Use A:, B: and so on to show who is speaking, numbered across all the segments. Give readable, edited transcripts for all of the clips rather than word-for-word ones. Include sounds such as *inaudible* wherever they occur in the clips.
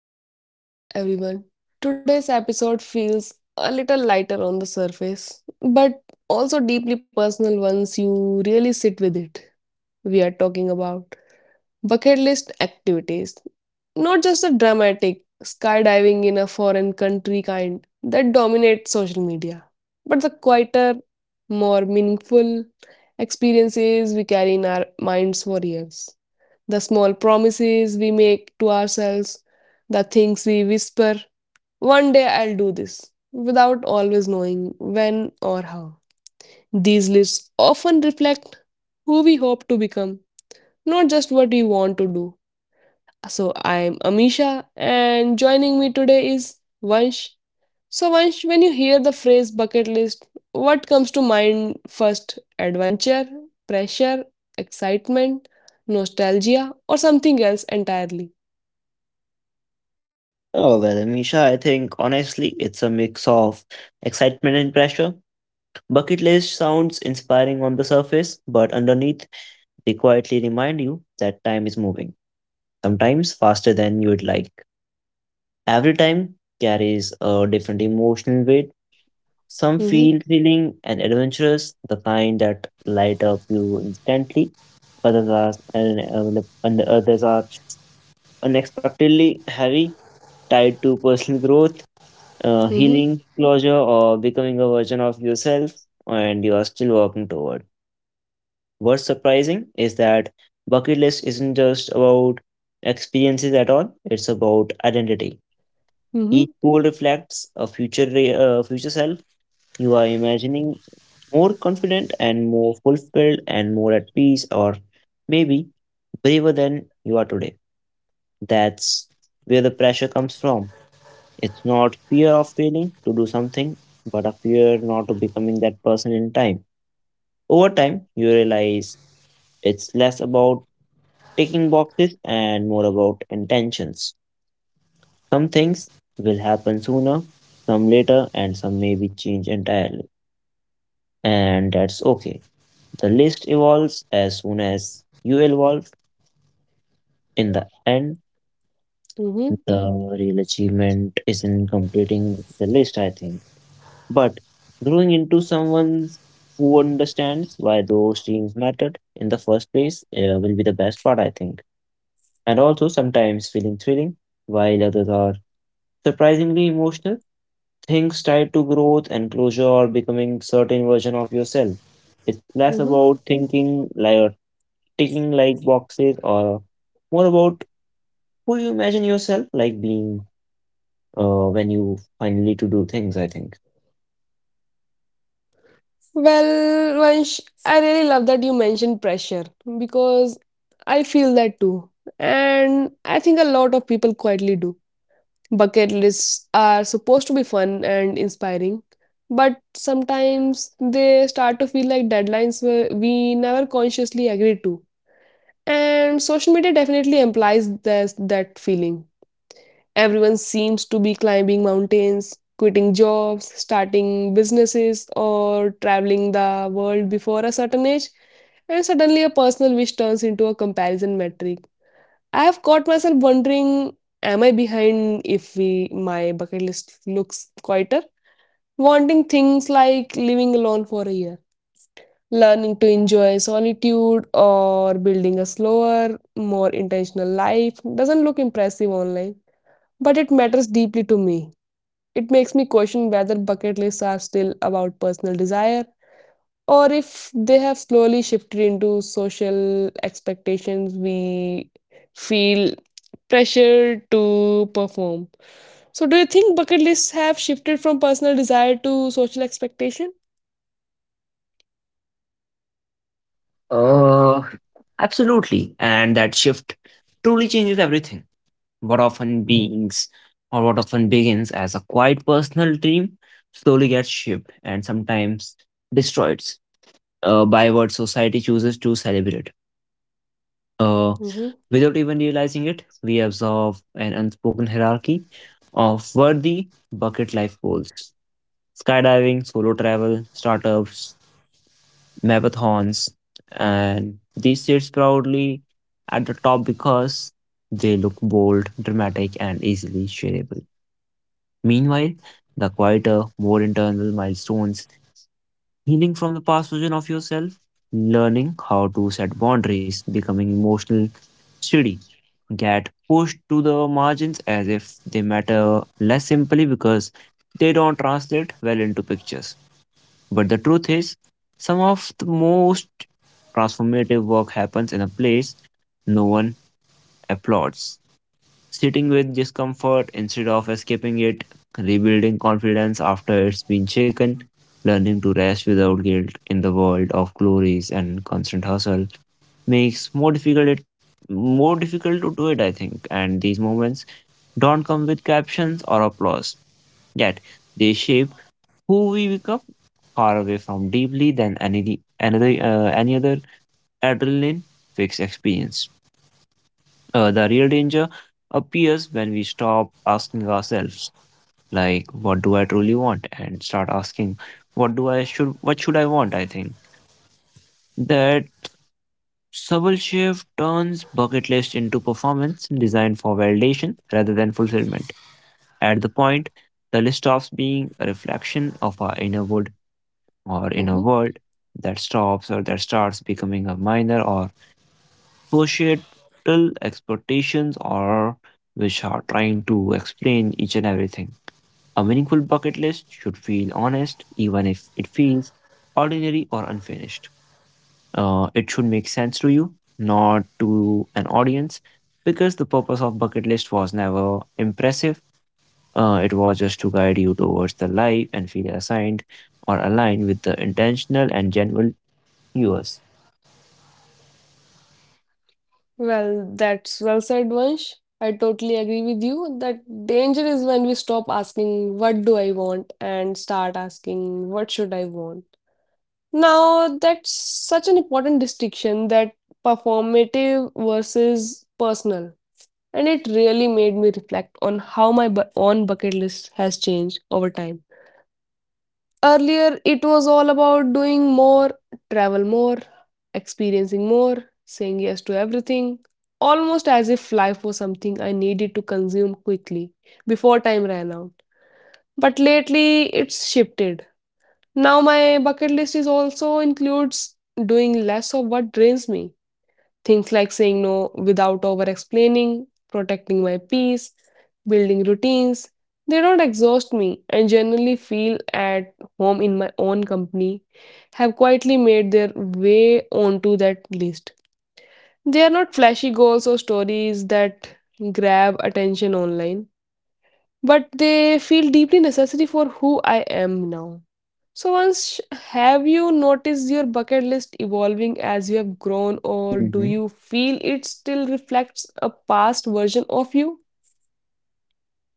A: back to the podcast, everyone. Today's episode feels a little lighter on the surface, but also deeply personal once you really sit with it. We are talking about bucket list activities, not just a dramatic skydiving in a foreign country kind that dominates social media, but the quieter, more meaningful experiences we carry in our minds for years, the small promises we make to ourselves, the things we whisper, one day I'll do this, without always knowing when or how. These lists often reflect who we hope to become, not just what we want to do. So I'm Amisha, and joining me today is Vansh. So, Vansh, when you hear the phrase bucket list, what comes to mind first? Adventure, pressure, excitement, nostalgia, or something else entirely?
B: Oh, well, Amisha, I think honestly it's a mix of excitement and pressure. Bucket list sounds inspiring on the surface, but underneath, they quietly remind you that time is moving, sometimes faster than you would like. Every time carries a different emotional weight. Some
A: Mhm.
B: feel thrilling and adventurous, the kind that light up you instantly. Others are unexpectedly heavy, tied to personal growth
A: Mm-hmm.
B: healing, closure, or becoming a version of yourself and you are still working toward. What's surprising is that bucket list isn't just about experiences at all, it's about identity.
A: Mm-hmm.
B: Each goal reflects a future self you are imagining more confident and more fulfilled and more at peace or maybe braver than you are today. That's where the pressure comes from. It's not fear of failing to do something, but a fear not of becoming that person in time. Over time, you realize it's less about ticking boxes and more about intentions. Some things will happen sooner, some later, and some may be changed entirely. And that's okay. The list evolves as soon as you evolve. In the end,
A: Mm-hmm.
B: the real achievement is in completing the list, I think. But growing into someone who understands why those dreams mattered in the first place will be the best part, I think. And also sometimes feeling thrilling, while others are surprisingly emotional. Things tied to growth and closure or becoming certain version of yourself. It's
A: Mm-hmm.
B: less about thinking like or ticking like boxes, or more about who you imagine yourself like being when you finally to do things. I think.
A: Well, Vansh, I really love that you mentioned pressure because I feel that too. And I think a lot of people quietly do. Bucket lists are supposed to be fun and inspiring, but sometimes they start to feel like deadlines where we never consciously agreed to. And social media definitely implies this, that feeling. Everyone seems to be climbing mountains, quitting jobs, starting businesses, or traveling the world before a certain age, and suddenly a personal wish turns into a comparison metric. I have caught myself wondering, am I behind if my bucket list looks quieter? Wanting things like living alone for a year, learning to enjoy solitude, or building a slower, more intentional life doesn't look impressive online, but it matters deeply to me. It makes me question whether bucket lists are still about personal desire or if they have slowly shifted into social expectations we feel pressure to perform. So, do you think bucket lists have shifted from personal desire to social expectation?
B: Uh, Absolutely. And that shift truly changes everything. What often beings what often begins as a quiet personal dream slowly gets shaped and sometimes destroyed by what society chooses to celebrate. Uh,
A: Hmm.
B: Without even realizing it, we absorb an unspoken hierarchy of worthy bucket life goals: skydiving, solo travel, startups, marathons, and these sits proudly at the top because they look bold, dramatic, and easily shareable. Meanwhile, the quieter, more internal milestones, healing from the past version of yourself, learning how to set boundaries, becoming emotional, steady, get pushed to the margins as if they matter less simply because they don't translate well into pictures. But the truth is, some of the most transformative work happens in a place no one applauds. Sitting with discomfort instead of escaping it, rebuilding confidence after it's been shaken, learning to rest without guilt in the world of glories and constant hustle makes more difficult it more difficult to do it, I think. And these moments don't come with captions or applause. Yet they shape who we become far away from deeply than any other adrenaline fixed experience. The real danger appears when we stop asking ourselves like what do I truly want and start asking what should I want, I think. That subtle shift turns bucket list into performance designed for validation rather than fulfillment. At the point the list stops being a reflection of our inner world or in
A: Hmm.
B: a world that stops or that starts becoming a minor or societal expectations or which are trying to explain each and everything. A meaningful bucket list should feel honest, even if it feels ordinary or unfinished. It should make sense to you, not to an audience, because the purpose of bucket list was never impressive. It was just to guide you towards the life and feel assigned or aligned with the intentional and general viewers.
A: Well, that's well said, Vansh. I totally agree with you that danger is when we stop asking, "What do I want?" and start asking, "What should I want?" Now, that's such an important distinction, that performative versus personal. And it really made me reflect on how my own bucket list has changed over time. Earlier, it was all about doing more, travel more, experiencing more, saying yes to everything, almost as if life was something I needed to consume quickly before time ran out. But lately, it's shifted. Now my bucket list is also includes doing less of what drains me. Things like saying no without over explaining, protecting my peace, building routines. They don't exhaust me and generally feel at home in my own company, have quietly made their way onto that list. They are not flashy goals or stories that grab attention online, but they feel deeply necessary for who I am now. So, have you noticed your bucket list evolving as you have grown, or do
B: Hmm.
A: you feel it still reflects a past version of you?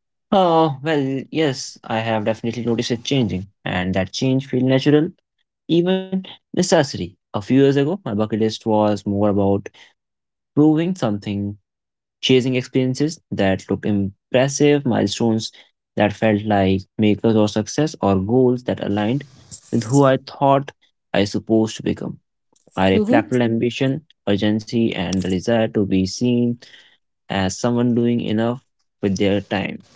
B: Oh, well, yes, I have definitely noticed it changing, and that change feel natural, even necessary. A few years ago, my bucket list was more about proving something, chasing experiences that looked impressive, milestones that felt like makers or success, or goals that aligned with who I thought I supposed to become. I
A: Hmm.
B: reflected ambition, urgency, and the desire to be seen as someone doing enough with their time.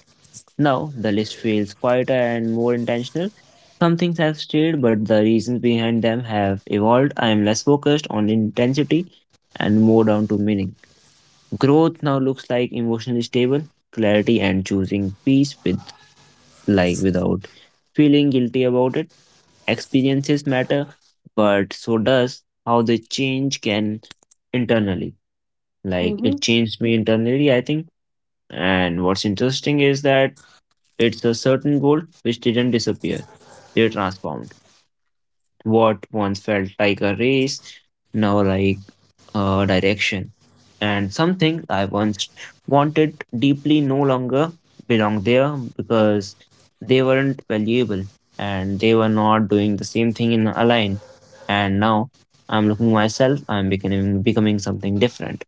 B: Now, the list feels quieter and more intentional. Some things have stayed, but the reasons behind them have evolved. I am less focused on intensity and more down to meaning. Growth now looks like emotionally stable, clarity, and choosing peace with like without feeling guilty about it. Experiences matter, but so does how they change can internally. Like it
A: Hmm.
B: changed me internally, I think. And what's interesting is that it's a certain goal which didn't disappear. They transformed. What once felt like a race, now like a direction. And something I once wanted deeply no longer belonged there because they weren't valuable and they were not doing the same thing in a line. And now I'm looking myself, I'm becoming something different.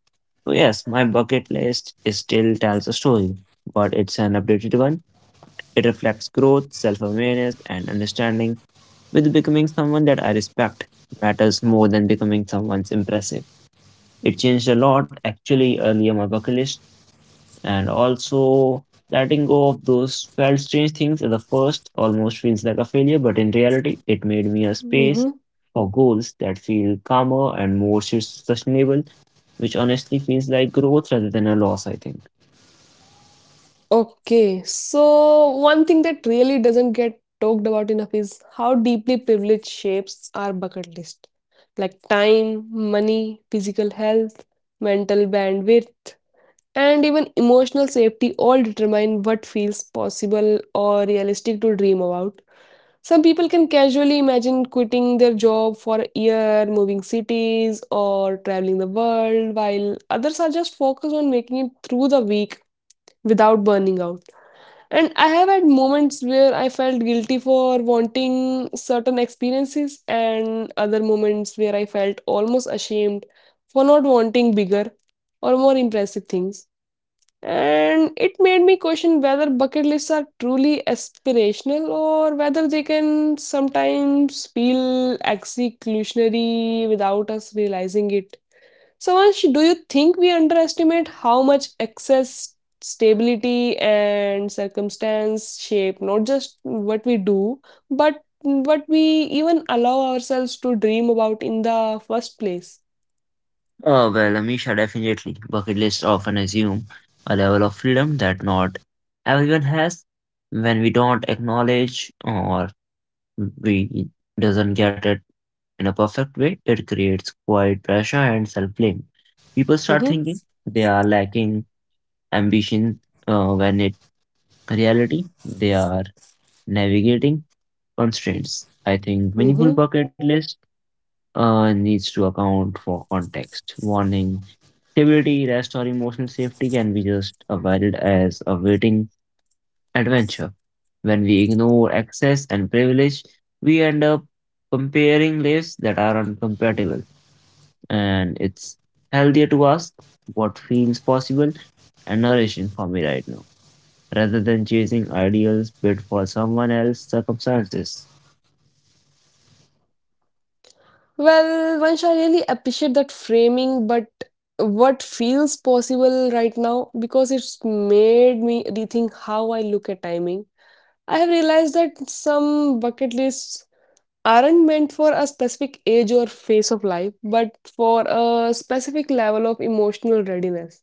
B: So yes, my bucket list is still tells a story, but it's an updated one. It reflects growth, self awareness, and understanding, with becoming someone that I respect matters more than becoming someone's impressive. It changed a lot actually earlier my bucket list and also letting go of those felt strange things at the first almost feels like a failure, but in reality it made me a space
A: Hmm.
B: for goals that feel calmer and more sustainable, which honestly feels like growth rather than a loss, I think.
A: Okay, so one thing that really doesn't get talked about enough is how deeply privilege shapes our bucket list, like time, money, physical health, mental bandwidth, and even emotional safety all determine what feels possible or realistic to dream about. Some people can casually imagine quitting their job for a year, moving cities, or traveling the world, while others are just focused on making it through the week without burning out. And I have had moments where I felt guilty for wanting certain experiences, and other moments where I felt almost ashamed for not wanting bigger or more impressive things, and it made me question whether bucket lists are truly aspirational or whether they can sometimes feel exclusionary without us realizing it. So, Vansh, do you think we underestimate how much access, stability, and circumstance shape not just what we do, but what we even allow ourselves to dream about in the first place?
B: Oh, well, Amisha, definitely. Bucket lists often assume a level of freedom that not everyone has. When we don't acknowledge or we doesn't get it in a perfect way, it creates quiet pressure and self-blame. People start thinking
A: Mm-hmm.
B: they are lacking ambition when in reality they are navigating constraints. I think meaningful
A: Mm-hmm.
B: bucket lists needs to account for context, warning, stability, rest, or emotional safety can be just avoided as awaiting adventure. When we ignore access and privilege, we end up comparing lives that are incompatible, and it's healthier to ask what feels possible and nourishing for me right now, rather than chasing ideals built for someone else's circumstances.
A: Well, Vansh, I really appreciate that framing, but what feels possible right now, because it's made me rethink how I look at timing. I have realized that some bucket lists aren't meant for a specific age or phase of life, but for a specific level of emotional readiness.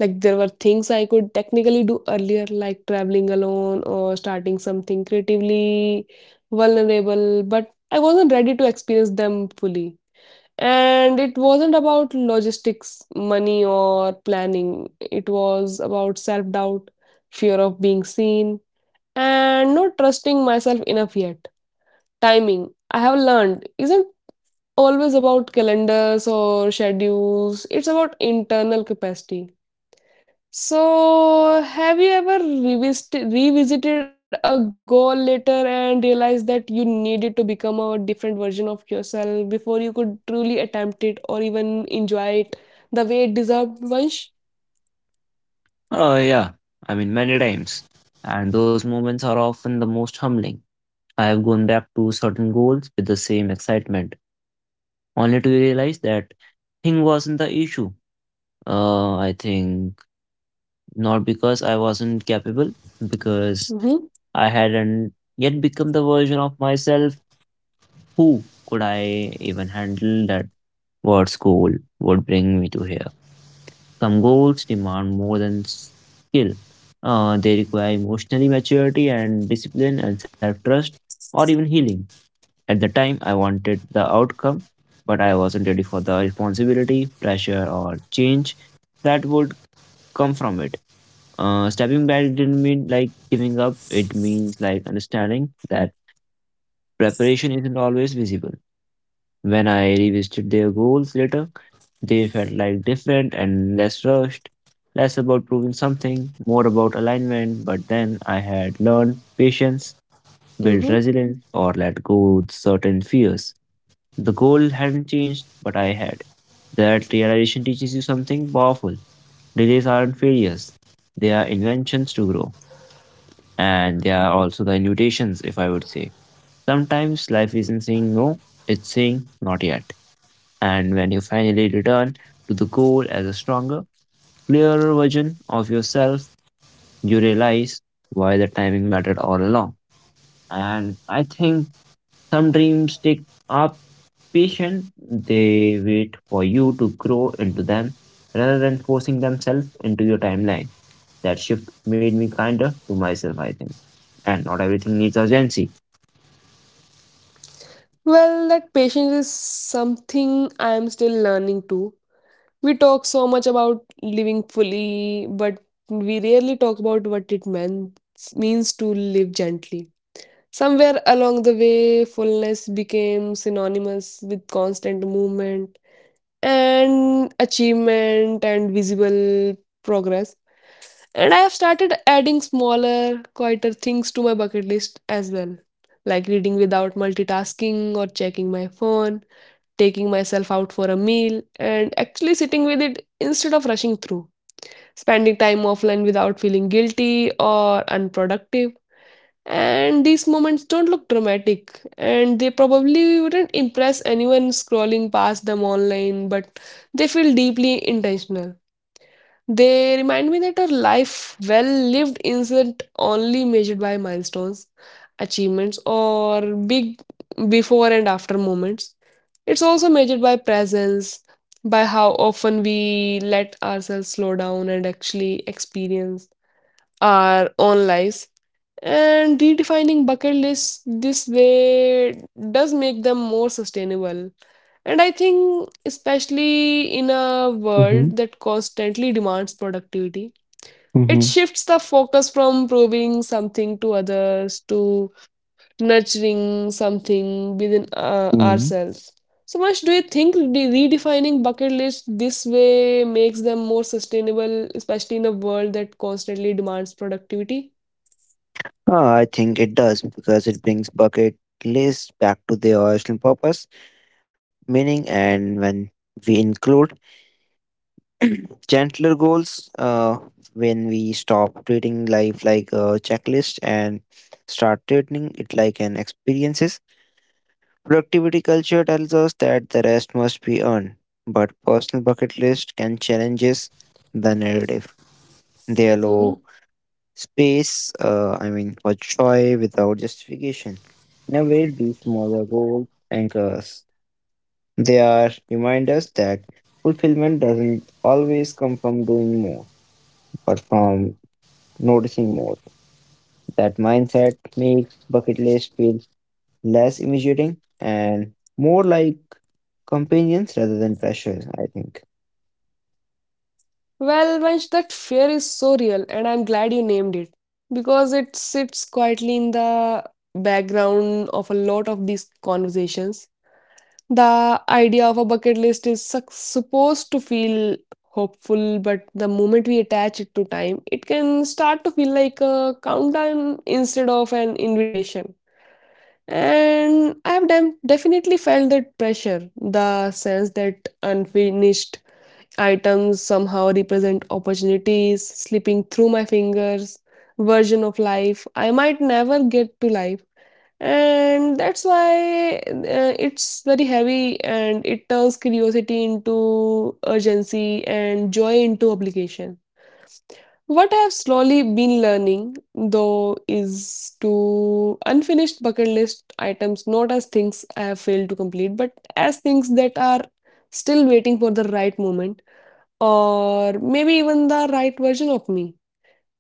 A: Like there were things I could technically do earlier, like traveling alone or starting something creatively vulnerable, but I wasn't ready to experience them fully. And it wasn't about logistics, money, or planning. It was about self doubt, fear of being seen, and not trusting myself enough yet. Timing, I have learned, isn't always about calendars or schedules, it's about internal capacity. So, have you ever revisited a goal later and realized that you needed to become a different version of yourself before you could truly attempt it or even enjoy it the way it deserved, Vansh?
B: Oh, yeah. I mean, many times. And those moments are often the most humbling. I have gone back to certain goals with the same excitement, only to realize that thing wasn't the issue. I think not because I wasn't capable, because
A: Mm-hmm.
B: I hadn't yet become the version of myself who could I even handle that what school would bring me to here. Some goals demand more than skill. They require emotional maturity and discipline and self trust or even healing. At the time, I wanted the outcome, but I wasn't ready for the responsibility, pressure, or change that would come from it. Stepping back didn't mean like giving up, it means like understanding that preparation isn't always visible. When I revisited their goals later, they felt like different and less rushed, less about proving something, more about alignment. But then I had learned patience, built
A: Mm-hmm.
B: resilience, or let go with certain fears. The goal hadn't changed, but I had. That realization teaches you something powerful. Delays aren't failures, they are inventions to grow. And they are also the invitations, if I would say. Sometimes life isn't saying no, it's saying not yet. And when you finally return to the goal as a stronger, clearer version of yourself, you realize why the timing mattered all along. And I think some dreams take up patient, they wait for you to grow into them rather than forcing themselves into your timeline. That shift made me kinder to myself, I think. And not everything needs urgency.
A: Well, that patience is something I am still learning too. We talk so much about living fully, but we rarely talk about what it means to live gently. Somewhere along the way, fullness became synonymous with constant movement and achievement and visible progress. And I have started adding smaller, quieter things to my bucket list as well, like reading without multitasking or checking my phone, taking myself out for a meal, and actually sitting with it instead of rushing through, spending time offline without feeling guilty or unproductive. And these moments don't look dramatic, and they probably wouldn't impress anyone scrolling past them online, but they feel deeply intentional. They remind me that a life well lived isn't only measured by milestones, achievements, or big before and after moments. It's also measured by presence, by how often we let ourselves slow down and actually experience our own lives. And redefining bucket lists this way does make them more sustainable. And I think, especially in a world that constantly demands productivity, it shifts the focus from proving something to others to nurturing something within
B: Mhm.
A: ourselves. So, Manoj, do you think redefining bucket lists this way makes them more sustainable, especially in a world that constantly demands productivity?
B: Ah, I think it does because it brings bucket lists back to their original purpose, meaning, and when we include gentler goals, when we stop treating life like a checklist and start treating it like an experiences. Productivity culture tells us that the rest must be earned, but personal bucket list can challenges the narrative. They allow
A: Hmm.
B: space, I mean, for joy without justification. In a way these smaller goals anchors, they are reminders that fulfillment doesn't always come from doing more but from noticing more. That mindset makes bucket list feel less imitating and more like companions rather than pressure, I think.
A: Well, Vansh, that fear is so real, and I'm glad you named it because it sits quietly in the background of a lot of these conversations. The idea of a bucket list is supposed to feel hopeful, but the moment we attach it to time, it can start to feel like a countdown instead of an invitation. And I have definitely felt that pressure, the sense that unfinished items somehow represent opportunities slipping through my fingers, version of life I might never get to life. And that's why, it's very heavy, and it turns curiosity into urgency and joy into obligation. What I have slowly been learning, though, is to unfinished bucket list items, not as things I have failed to complete, but as things that are still waiting for the right moment, or maybe even the right version of me.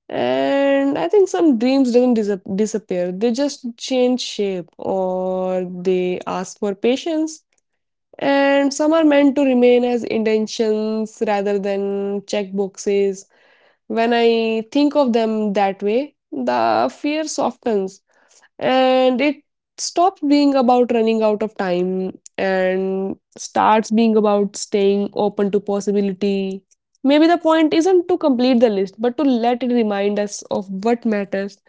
A: And I think some dreams doesn't disappear. They just change shape or they ask for patience. And some are meant to remain as intentions rather than check boxes. When I think of them that way, the fear softens, and it stops being about running out of time and starts being about staying open to possibility. Maybe the point isn't to complete the list, but to let it remind us of what matters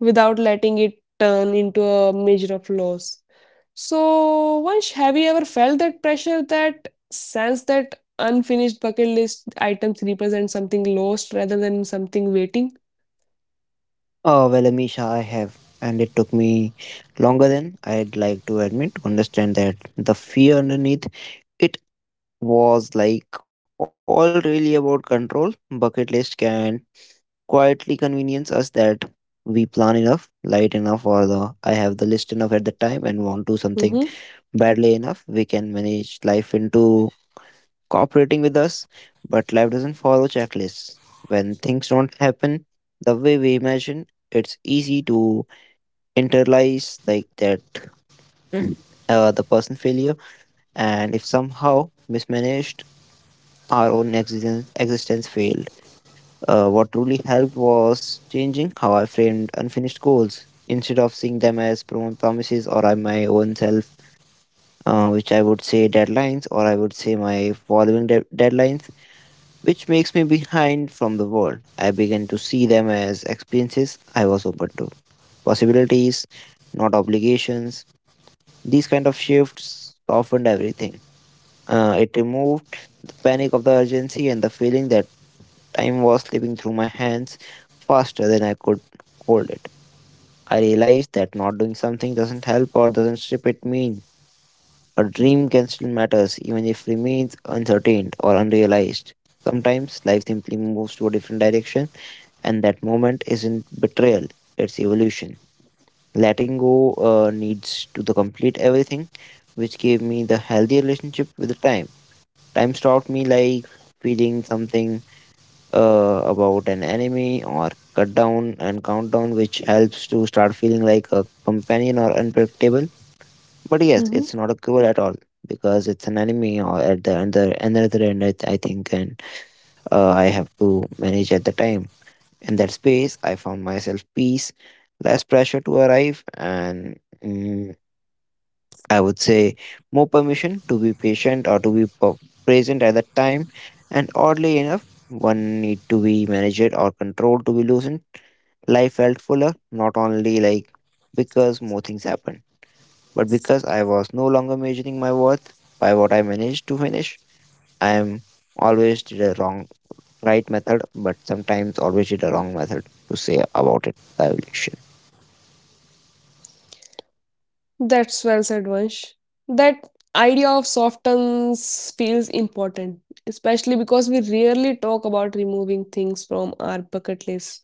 A: without letting it turn into a measure of loss. So, Vansh, have you ever felt that pressure, that sense that unfinished bucket list items represent something lost rather than something waiting?
B: Oh, well, Amisha, I have. And it took me longer than I'd like to admit to understand that the fear underneath it was like all really about control. Bucket list can quietly convenience us that we plan enough, light enough, or the I have the list enough at the time and want to something
A: Mm-hmm.
B: badly enough, we can manage life into cooperating with us, but life doesn't follow checklists. When things don't happen the way we imagine, it's easy to internalize like that *clears throat* the person failure, and if somehow mismanaged, our own existence failed. What truly helped was changing how I framed unfinished goals. Instead of seeing them as promises or I my own self which I would say deadlines, or I would say my following deadlines, which makes me behind from the world. I began to see them as experiences I was open to, possibilities, not obligations. These kind of shifts softened everything. It removed the panic of the urgency and the feeling that time was slipping through my hands faster than I could hold it. I realized that not doing something doesn't help or doesn't strip it mean. A dream can still matter even if remains uncertain or unrealized. Sometimes life simply moves to a different direction, and that moment isn't betrayal, it's evolution. Letting go needs to the complete everything, which gave me the healthy relationship with the time. Time taught me like feeling something about an enemy or cut down and countdown, which helps to start feeling like a companion or unpredictable, but yes, it's
A: Mm-hmm.
B: not a cure at all because it's an enemy or at the other another end I, I think and I have to manage at the time. In that space I found myself peace, less pressure to arrive and I would say more permission to be patient or to be present at that time, and oddly enough one need to be managed or controlled to be loosened. Life felt fuller, not only like because more things happened. But because I was no longer measuring my worth by what I managed to finish, I am always did a wrong right method, but sometimes always did a wrong method to say about it the evolution.
A: That's well said, Vansh. That idea of soft tones feels important, especially because we rarely talk about removing things from our bucket list.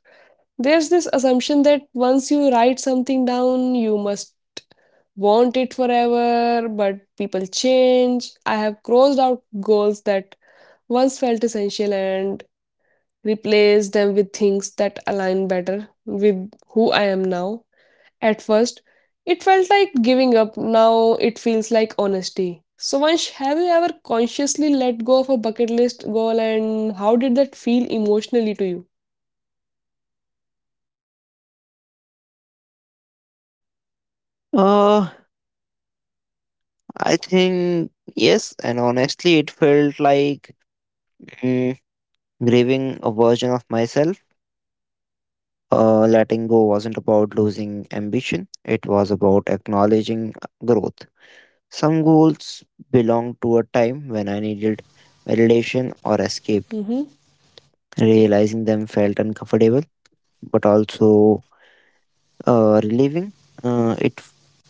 A: There's this assumption that once you write something down, you must want it forever, but people change. I have crossed out goals that once felt essential and replaced them with things that align better with who I am now. At first, it felt like giving up, now it feels like honesty. So, Vansh, have you ever consciously let go of a bucket list goal, and how did that feel emotionally to you?
B: Uh I think yes, and honestly it felt like mm, grieving a version of myself. Letting go wasn't about losing ambition. It was about acknowledging growth. Some goals belong to a time when I needed validation or escape.
A: Mm-hmm.
B: Realizing them felt uncomfortable, but also relieving. It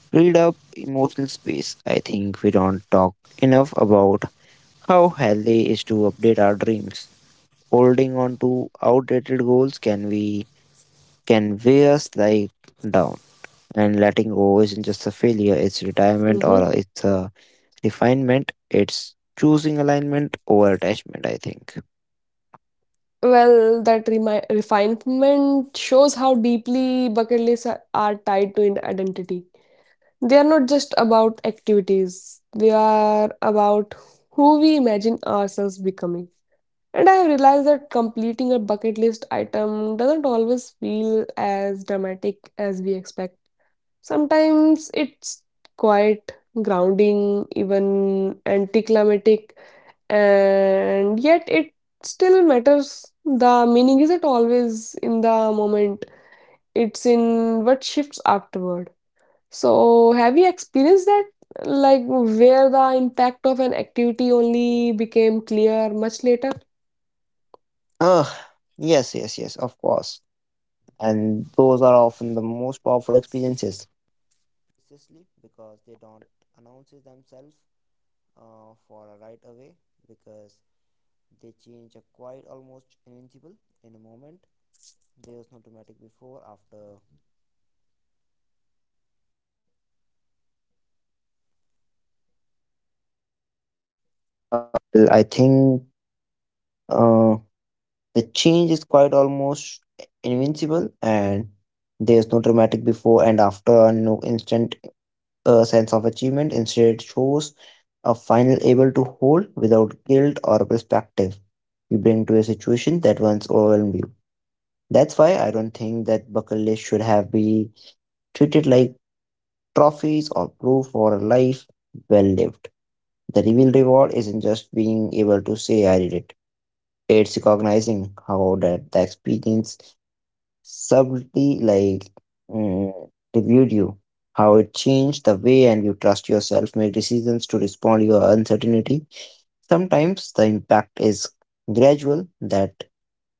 B: filled up emotional space. I think we don't talk enough about how healthy is to update our dreams. Holding on to outdated goals can weigh us like down. And letting go isn't just a failure, it's retirement or
A: Mm-hmm.
B: it's a refinement. It's choosing alignment over attachment, I think.
A: Well, that refinement shows how deeply bucket lists are tied to an identity. They are not just about activities, they are about who we imagine ourselves becoming. And I have realized that completing a bucket list item doesn't always feel as dramatic as we expect. Sometimes it's quite grounding, even anticlimactic, and yet it still matters. The meaning isn't always in the moment, it's in what shifts afterward. So, have you experienced that? Like, where the impact of an activity only became clear much later?
B: Ah, yes, yes, yes, of course, and those are often the most powerful experiences. Uh, the change is quite almost invincible, and there's no dramatic before and after, no instant sense of achievement. Instead, it shows a final able to hold without guilt or perspective you bring to a situation that once overwhelmed you. That's why I don't think that bucket list should have be treated like trophies or proof for a life well lived. The real reward just being able to say I did it. It's recognizing how that the experience subtly like mm, reviewed you, how it changed the way and you trust yourself, make decisions to respond your uncertainty. Sometimes the impact is gradual that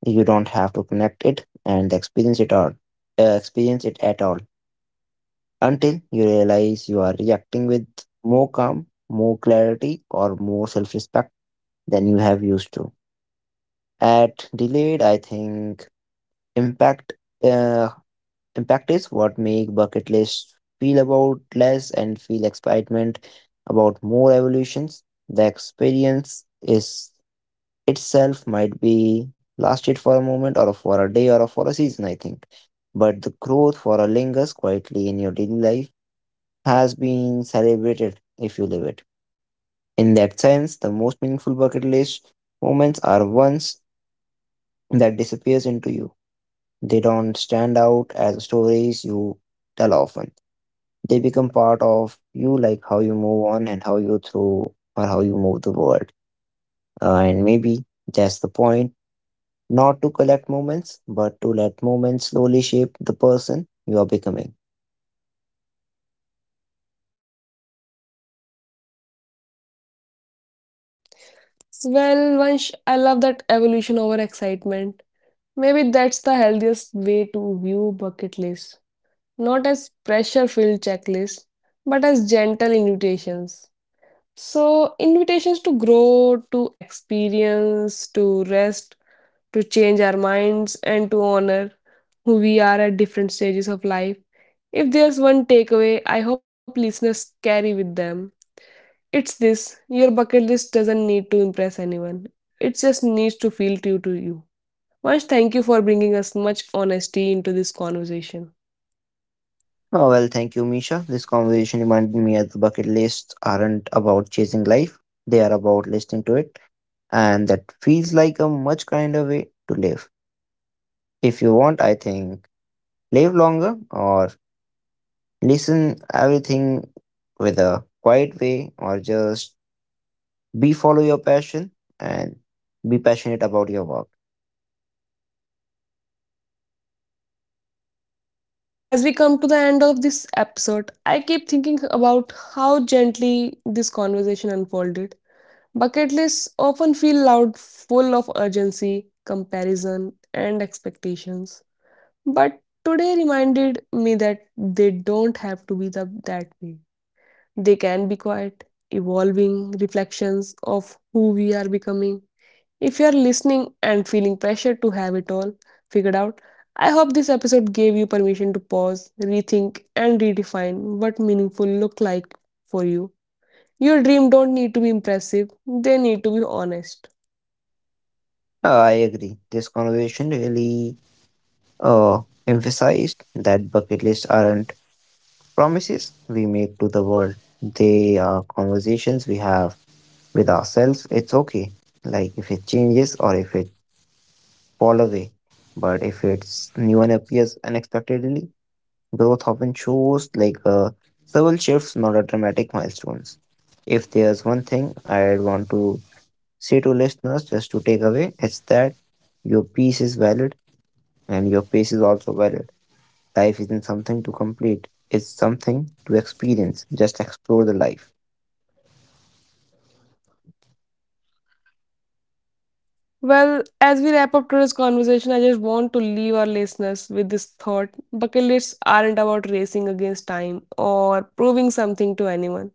B: you don't have to connect it and experience it all, experience it at all until you realize you are reacting with more calm, more clarity, or more self-respect than you have used to. At delayed, I think impact. Uh, Impact is what make bucket lists feel about less and feel excitement about more evolutions. The experience is itself might be lasted for a moment or for a day or for a season, I think. But the growth for a lingers quietly in your daily life has been celebrated if you live it. In that sense, the most meaningful bucket list moments are ones that disappears into you. They don't stand out as stories you tell often. They become part of you, like how you move on and how you through or how you move the world. And maybe that's the point, not to collect moments, but to let moments slowly shape the person you are becoming.
A: Well, Vansh, I love that evolution over excitement. Maybe that's the healthiest way to view bucket lists. Not as pressure filled checklists, but as gentle invitations. So, invitations to grow, to experience, to rest, to change our minds, and to honor who we are at different stages of life. If there's one takeaway I hope listeners carry with them, it's this. Your bucket list doesn't need to impress anyone. It just needs to feel true to you. Vansh, thank you for bringing us much honesty into this conversation.
B: Oh, well, thank you, Misha. This conversation reminded me that the bucket lists aren't about chasing life, they are about listening to it, and that feels like a much kinder way to live. If you want, I think live longer or listen everything with a quiet way or just be follow your passion and be passionate about your work.
A: That's well said, Vansh. As we come to the end of this episode, I keep thinking about how gently this conversation unfolded. Bucket lists often feel loud, full of urgency, comparison, and expectations. But today reminded me that they don't have to be that way. They can be quiet, evolving reflections of who we are becoming. If you are listening and feeling pressure to have it all figured out, I hope this episode gave you permission to pause, rethink, and redefine what meaningful look like for you. Your dream don't need to be impressive, they need to be honest.
B: I agree. This conversation really uh, emphasized that bucket lists aren't promises we make to the world. They are conversations we have with ourselves. It's okay. Like if it changes or if it fall away. But if it's new one appears unexpectedly, growth often shows like subtle shifts, not a dramatic milestones. If there's one thing I want to say to listeners just to take away, it's that your peace is valid and your pace is also valid. Life isn't something to complete, it's something to experience. Just explore the life.
A: Well, as we wrap up today's conversation, I just want to leave our listeners with this thought. Bucket lists aren't about racing against time or proving something to anyone.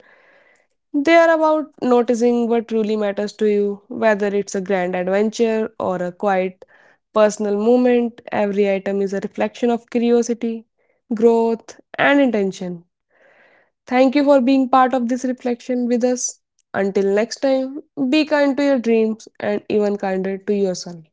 A: They are about noticing what truly matters to you, whether it's a grand adventure or a quiet personal moment. Every item is a reflection of curiosity, growth, and intention. Thank you for being part of this reflection with us. Until next time, be kind to your dreams and even kinder to yourself.